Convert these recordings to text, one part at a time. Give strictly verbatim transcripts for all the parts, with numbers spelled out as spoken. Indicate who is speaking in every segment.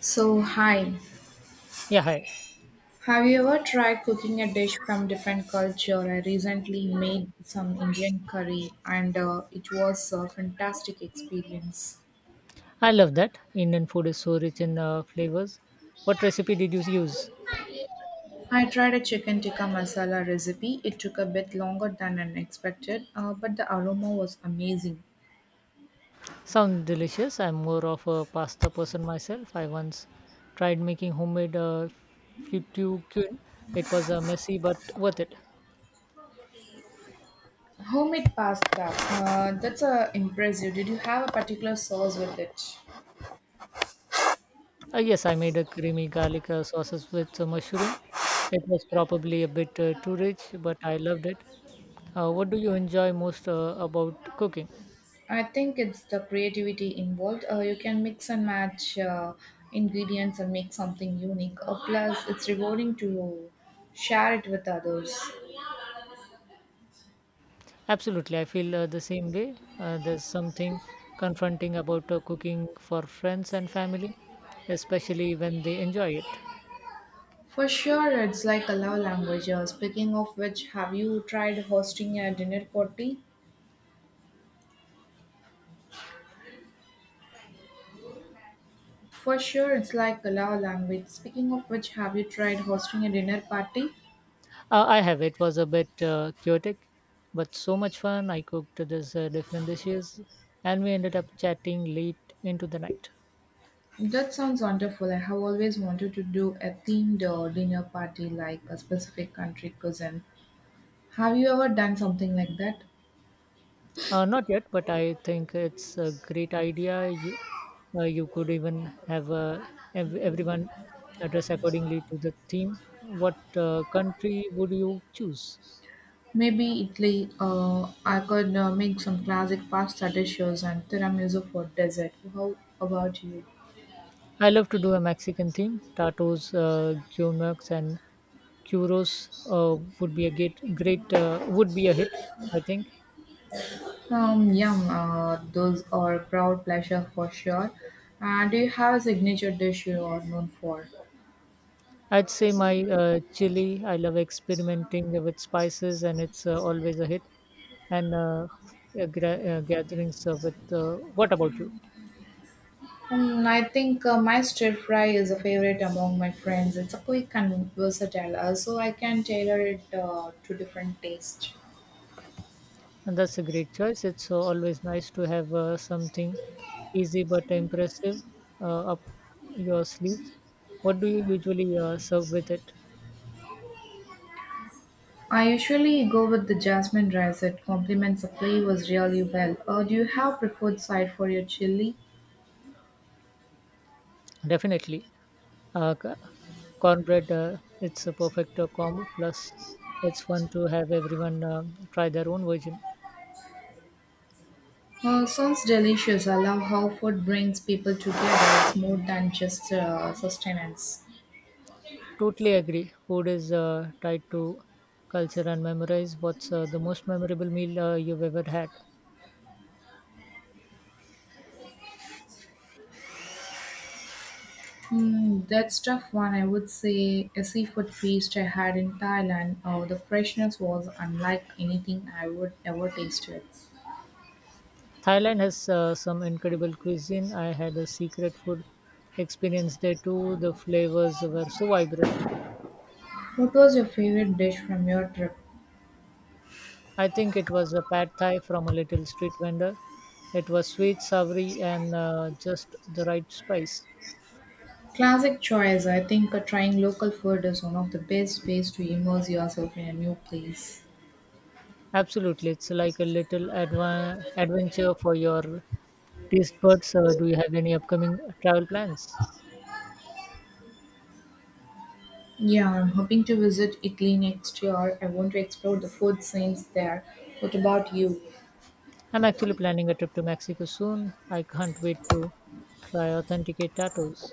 Speaker 1: So, hi.
Speaker 2: Yeah, hi.
Speaker 1: Have you ever tried cooking a dish from different culture? I recently made some Indian curry and uh, it was a fantastic experience.
Speaker 2: I love that. Indian food is so rich in uh, flavors. What recipe did you use?
Speaker 1: I tried a chicken tikka masala recipe. It took a bit longer than expected, uh, but the aroma was amazing.
Speaker 2: Sound delicious. I'm more of a pasta person myself. I once tried making homemade uh, fettuccine. It was uh, messy but worth it.
Speaker 1: Homemade pasta. Uh, that's uh, impressive. Did you have a particular sauce with it?
Speaker 2: Uh, yes, I made a creamy garlic uh, sauces with uh, mushroom. It was probably a bit uh, too rich, but I loved it. Uh, what do you enjoy most uh, about cooking?
Speaker 1: I think it's the creativity involved. Uh, you can mix and match uh, ingredients and make something unique. Uh, plus, it's rewarding to share it with others.
Speaker 2: Absolutely, I feel uh, the same way. Uh, there's something confronting about uh, cooking for friends and family, especially when they enjoy it.
Speaker 1: For sure, it's like a love language. Uh, speaking of which, have you tried hosting a dinner party? For sure, it's like a love language. Speaking of which, have you tried hosting a dinner party?
Speaker 2: Uh, I have. It was a bit uh, chaotic, but so much fun. I cooked these uh, different dishes, and we ended up chatting late into the night.
Speaker 1: That sounds wonderful. I have always wanted to do a themed uh, dinner party like a specific country cuisine. Have you ever done something like that?
Speaker 2: Uh, not yet, but I think it's a great idea. You, uh, you could even have uh, ev- everyone dress accordingly to the theme. What uh, country would you choose?
Speaker 1: Maybe Italy, uh, I could uh, make some classic pasta dishes and tiramisu for dessert. How about you?
Speaker 2: I love to do a Mexican theme. Tacos, uh, guac, and churros uh, would be a great, great uh, would be a hit. I think.
Speaker 1: Um, yum, uh, those are crowd pleasure for sure. And do you have a signature dish you are known for?
Speaker 2: I'd say my uh, chili. I love experimenting with spices, and it's uh, always a hit. And uh, uh, gra- uh, gatherings uh, with. Uh, what about you?
Speaker 1: Um, I think uh, my stir fry is a favorite among my friends. It's a quick and versatile, uh, so I can tailor it uh, to different tastes.
Speaker 2: And that's a great choice. It's uh, always nice to have uh, something easy but impressive uh, up your sleeves. What do you usually uh, serve with it?
Speaker 1: I usually go with the jasmine rice. It complements the flavors really well. Uh, do you have preferred side for your chili?
Speaker 2: Definitely. Uh, c- cornbread, uh, it's a perfect uh, combo. Plus, it's fun to have everyone um try their own version.
Speaker 1: Uh, sounds delicious. I love how food brings people together. It's more than just uh, sustenance.
Speaker 2: Totally agree. Food is uh, tied to culture and memorize. What's uh, the most memorable meal uh, you've ever had?
Speaker 1: Hmm, that's tough one. I would say a seafood feast I had in Thailand. Oh, the freshness was unlike anything I would ever tasted.
Speaker 2: Thailand has uh, some incredible cuisine. I had a secret food experience there too. The flavors were so vibrant.
Speaker 1: What was your favorite dish from your trip?
Speaker 2: I think it was a pad thai from a little street vendor. It was sweet, savory, and uh, just the right spice.
Speaker 1: Classic choice. I think uh, trying local food is one of the best ways to immerse yourself in a new place.
Speaker 2: Absolutely, it's like a little adva- adventure for your taste buds. Uh, do you have any upcoming travel plans?
Speaker 1: Yeah, I'm hoping to visit Italy next year. I want to explore the food scenes there. What about you?
Speaker 2: I'm actually planning a trip to Mexico soon. I can't wait to try authenticate tacos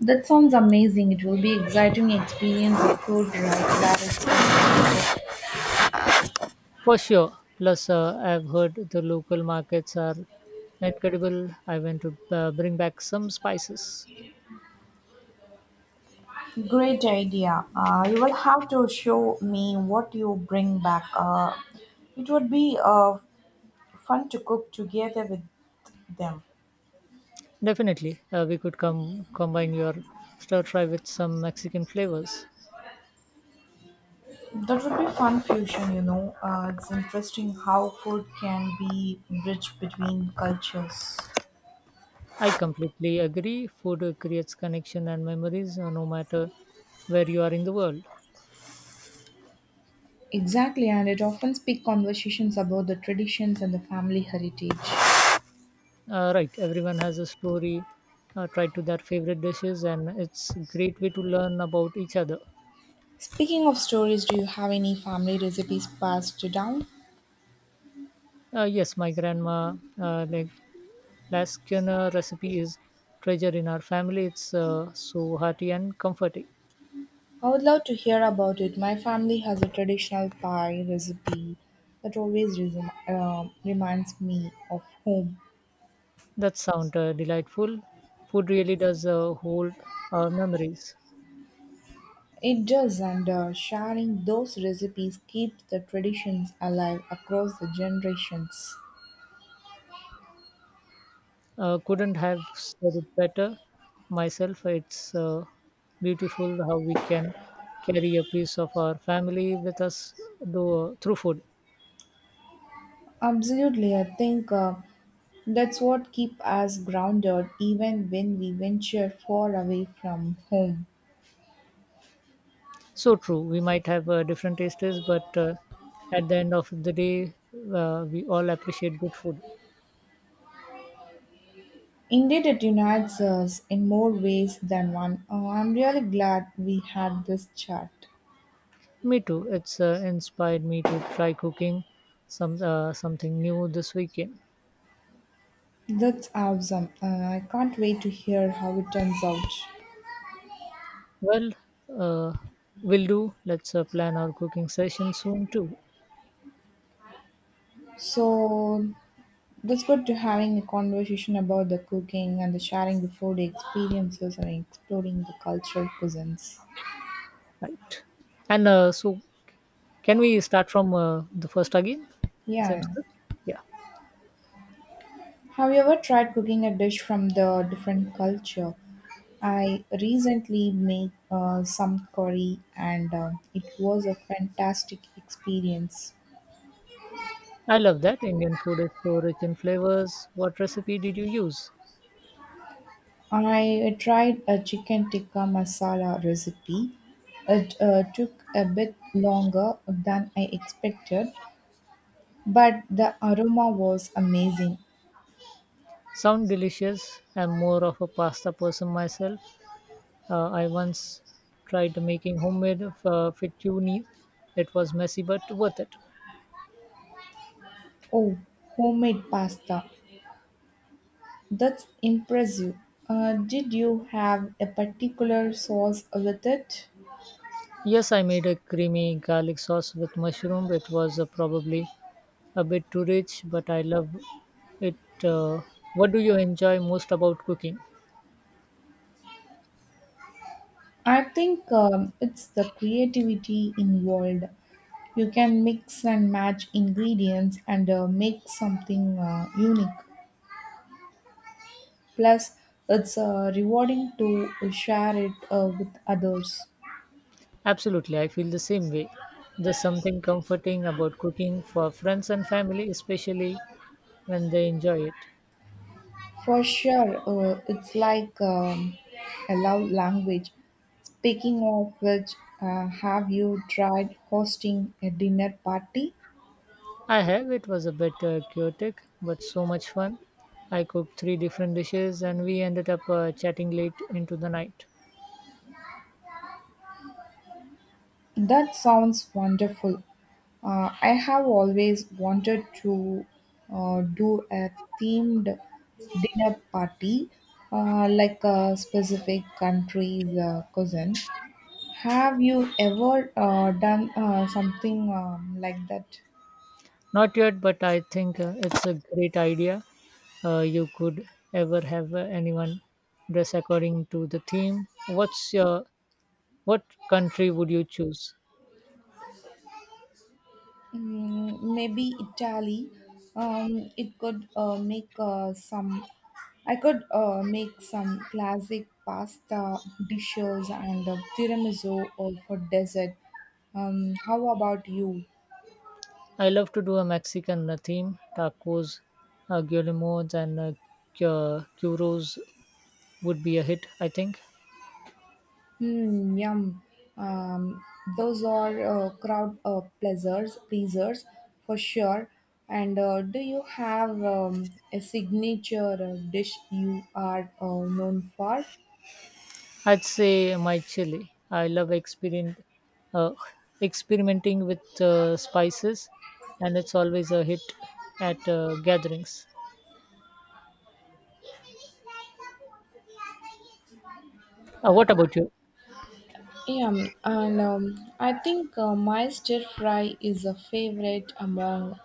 Speaker 1: That sounds amazing. It will be exciting experience of food right there.
Speaker 2: for sure. Plus, uh, I've heard the local markets are incredible. I want to uh, bring back some spices.
Speaker 1: Great idea. Uh, you will have to show me what you bring back. Uh, it would be uh, fun to cook together with them.
Speaker 2: Definitely, uh, we could come combine your stir fry with some Mexican flavors.
Speaker 1: That would be fun fusion, you know. Uh, it's interesting how food can be bridge between cultures.
Speaker 2: I completely agree. Food uh, creates connection and memories uh, no matter where you are in the world.
Speaker 1: Exactly, and it often speaks conversations about the traditions and the family heritage.
Speaker 2: Uh, right, everyone has a story uh, tied to their favorite dishes, and it's great way to learn about each other.
Speaker 1: Speaking of stories, do you have any family recipes passed down?
Speaker 2: Uh, yes, my grandma, uh, like last recipe is treasure in our family. It's uh, so hearty and comforting.
Speaker 1: I would love to hear about it. My family has a traditional pie recipe that always resum- uh, reminds me of home.
Speaker 2: That sound uh, delightful. Food really does uh, hold our memories.
Speaker 1: It does, and uh, sharing those recipes keeps the traditions alive across the generations.
Speaker 2: Uh, couldn't have said it better myself. It's uh, beautiful how we can carry a piece of our family with us though, uh, through food.
Speaker 1: Absolutely, I think uh, that's what keeps us grounded even when we venture far away from home.
Speaker 2: So true. We might have uh, different tastes, but uh, at the end of the day, uh, we all appreciate good food.
Speaker 1: Indeed, it unites us in more ways than one. Uh, I'm really glad we had this chat.
Speaker 2: Me too. It's uh, inspired me to try cooking some uh, something new this weekend.
Speaker 1: That's awesome. Uh, I can't wait to hear how it turns out.
Speaker 2: Well, uh, will do. Let's uh, plan our cooking session soon too.
Speaker 1: So, that's good to having a conversation about the cooking and the sharing the food experiences and exploring the cultural cuisines.
Speaker 2: Right. And uh, so, can we start from uh, the first again? The same
Speaker 1: Yeah.
Speaker 2: script? Yeah.
Speaker 1: Have you ever tried cooking a dish from the different culture? I recently made uh, some curry and uh, it was a fantastic experience.
Speaker 2: I love that. Indian food is so rich in flavors. What recipe did you use?
Speaker 1: I tried a chicken tikka masala recipe. It uh, took a bit longer than I expected, but the aroma was amazing.
Speaker 2: Sound delicious. I'm more of a pasta person myself. Uh, I once tried making homemade uh, fettuccine. It was messy but worth it.
Speaker 1: Oh, homemade pasta. That's impressive. Uh, did you have a particular sauce with it?
Speaker 2: Yes, I made a creamy garlic sauce with mushroom. It was uh, probably a bit too rich, but I love it. Uh, what do you enjoy most about cooking?
Speaker 1: I think um, it's the creativity involved. You can mix and match ingredients and uh, make something uh, unique. Plus, it's uh, rewarding to share it uh, with others.
Speaker 2: Absolutely, I feel the same way. There's something comforting about cooking for friends and family, especially when they enjoy it.
Speaker 1: For sure, uh, it's like um, a love language. Speaking of which, uh, have you tried hosting a dinner party?
Speaker 2: I have, it was a bit uh, chaotic, but so much fun. I cooked three different dishes and we ended up uh, chatting late into the night.
Speaker 1: That sounds wonderful. Uh, I have always wanted to uh, do a themed dinner party, uh, like a specific country's uh, cousin. Have you ever uh, done uh, something um, like that?
Speaker 2: Not yet, but I think uh, it's a great idea. Uh, you could ever have uh, anyone dress according to the theme. What's your what country would you choose?
Speaker 1: Mm, maybe Italy. Um, it could uh, make uh, some. I could uh, make some classic pasta dishes and uh, tiramisu uh, for dessert. Um, how about you?
Speaker 2: I love to do a Mexican uh, theme. Tacos, uh, guillemots, and uh, cu- churros would be a hit, I think.
Speaker 1: Hmm, yum. Um, those are uh, crowd uh, pleasers, pleasers for sure. And uh, do you have um, a signature uh, dish you are uh, known for?
Speaker 2: I'd say my chili. I love experien uh, experimenting with uh, spices, and it's always a hit at uh, gatherings. Uh, what about you?
Speaker 1: Yeah, um, and um, I think uh, my stir fry is a favorite among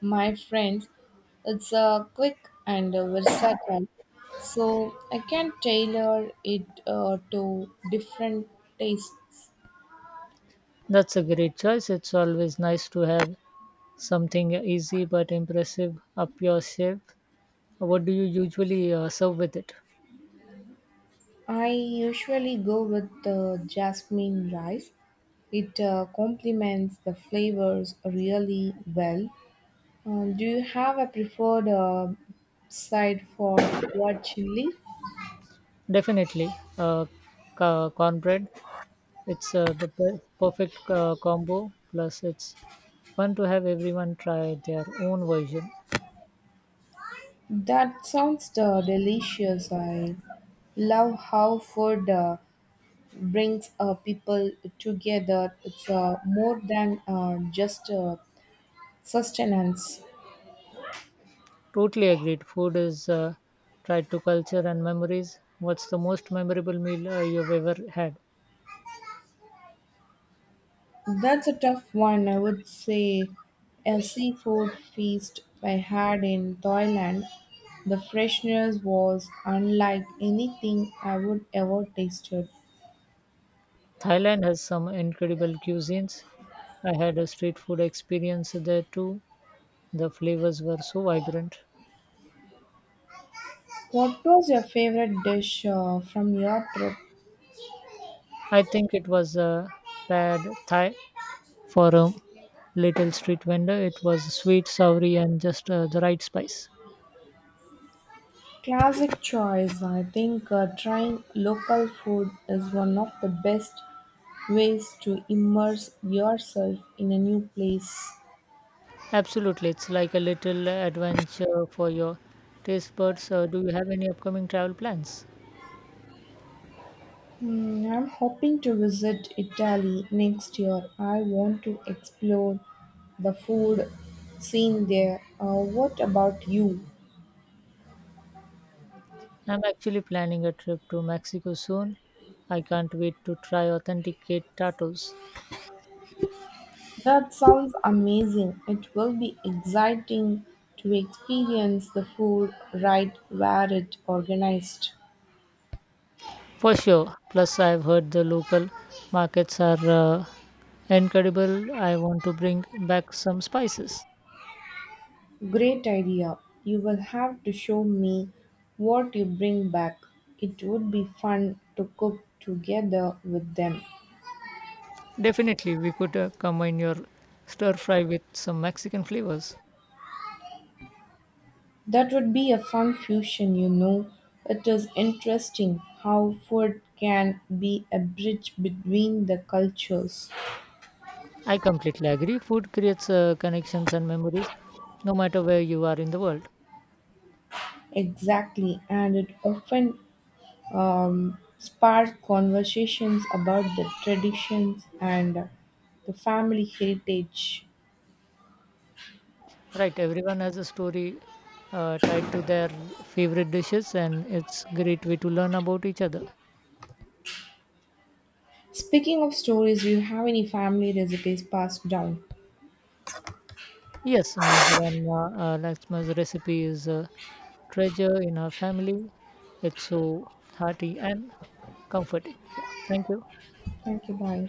Speaker 1: my friends. It's uh, quick and uh, versatile, so I can tailor it uh, to different tastes.
Speaker 2: That's a great choice. It's always nice to have something easy but impressive up your sleeve. What do you usually uh, serve with it?
Speaker 1: I usually go with the jasmine rice. It uh, complements the flavors really well. Uh, do you have a preferred uh, side for your chili?
Speaker 2: Definitely, uh, co- cornbread. It's uh, the per- perfect uh, combo. Plus, it's fun to have everyone try their own version.
Speaker 1: That sounds uh, delicious. I love how food uh, brings uh, people together. It's uh, more than uh, just uh, sustenance.
Speaker 2: Totally agreed. Food is uh, tied to culture and memories. What's the most memorable meal uh, you've ever had?
Speaker 1: That's a tough one, I would say. A seafood feast I had in Thailand, the freshness was unlike anything I would ever tasted.
Speaker 2: Thailand has some incredible cuisines. I had a street food experience there too. The flavors were so vibrant.
Speaker 1: What was your favorite dish uh, from your trip?
Speaker 2: I think it was a pad thai for a little street vendor. It was sweet, soury, and just uh, the right spice.
Speaker 1: Classic choice. I think uh, trying local food is one of the best ways to immerse yourself in a new place.
Speaker 2: Absolutely, it's like a little adventure for your taste buds. Uh, do you have any upcoming travel plans?
Speaker 1: Hmm, I'm hoping to visit Italy next year. I want to explore the food scene there. Uh, what about you?
Speaker 2: I'm actually planning a trip to Mexico soon. I can't wait to try authenticate tacos.
Speaker 1: That sounds amazing. It will be exciting to experience the food right where it's organized.
Speaker 2: For sure. Plus, I've heard the local markets are uh, incredible. I want to bring back some spices.
Speaker 1: Great idea. You will have to show me what you bring back. It would be fun to cook together with them.
Speaker 2: Definitely, we could uh, combine your stir fry with some Mexican flavors.
Speaker 1: That would be a fun fusion, you know. It is interesting how food can be a bridge between the cultures.
Speaker 2: I completely agree. Food creates uh, connections and memories, no matter where you are in the world.
Speaker 1: Exactly, and it often um, sparks conversations about the traditions and the family heritage.
Speaker 2: Right, everyone has a story uh, tied to their favorite dishes, and it's great way to learn about each other.
Speaker 1: Speaking of stories, do you have any family recipes passed down?
Speaker 2: Yes, my grandma uh, Lakshma's recipe is a treasure in her family. It's so hearty and comforting. Yeah, thank you.
Speaker 1: Thank you, bye.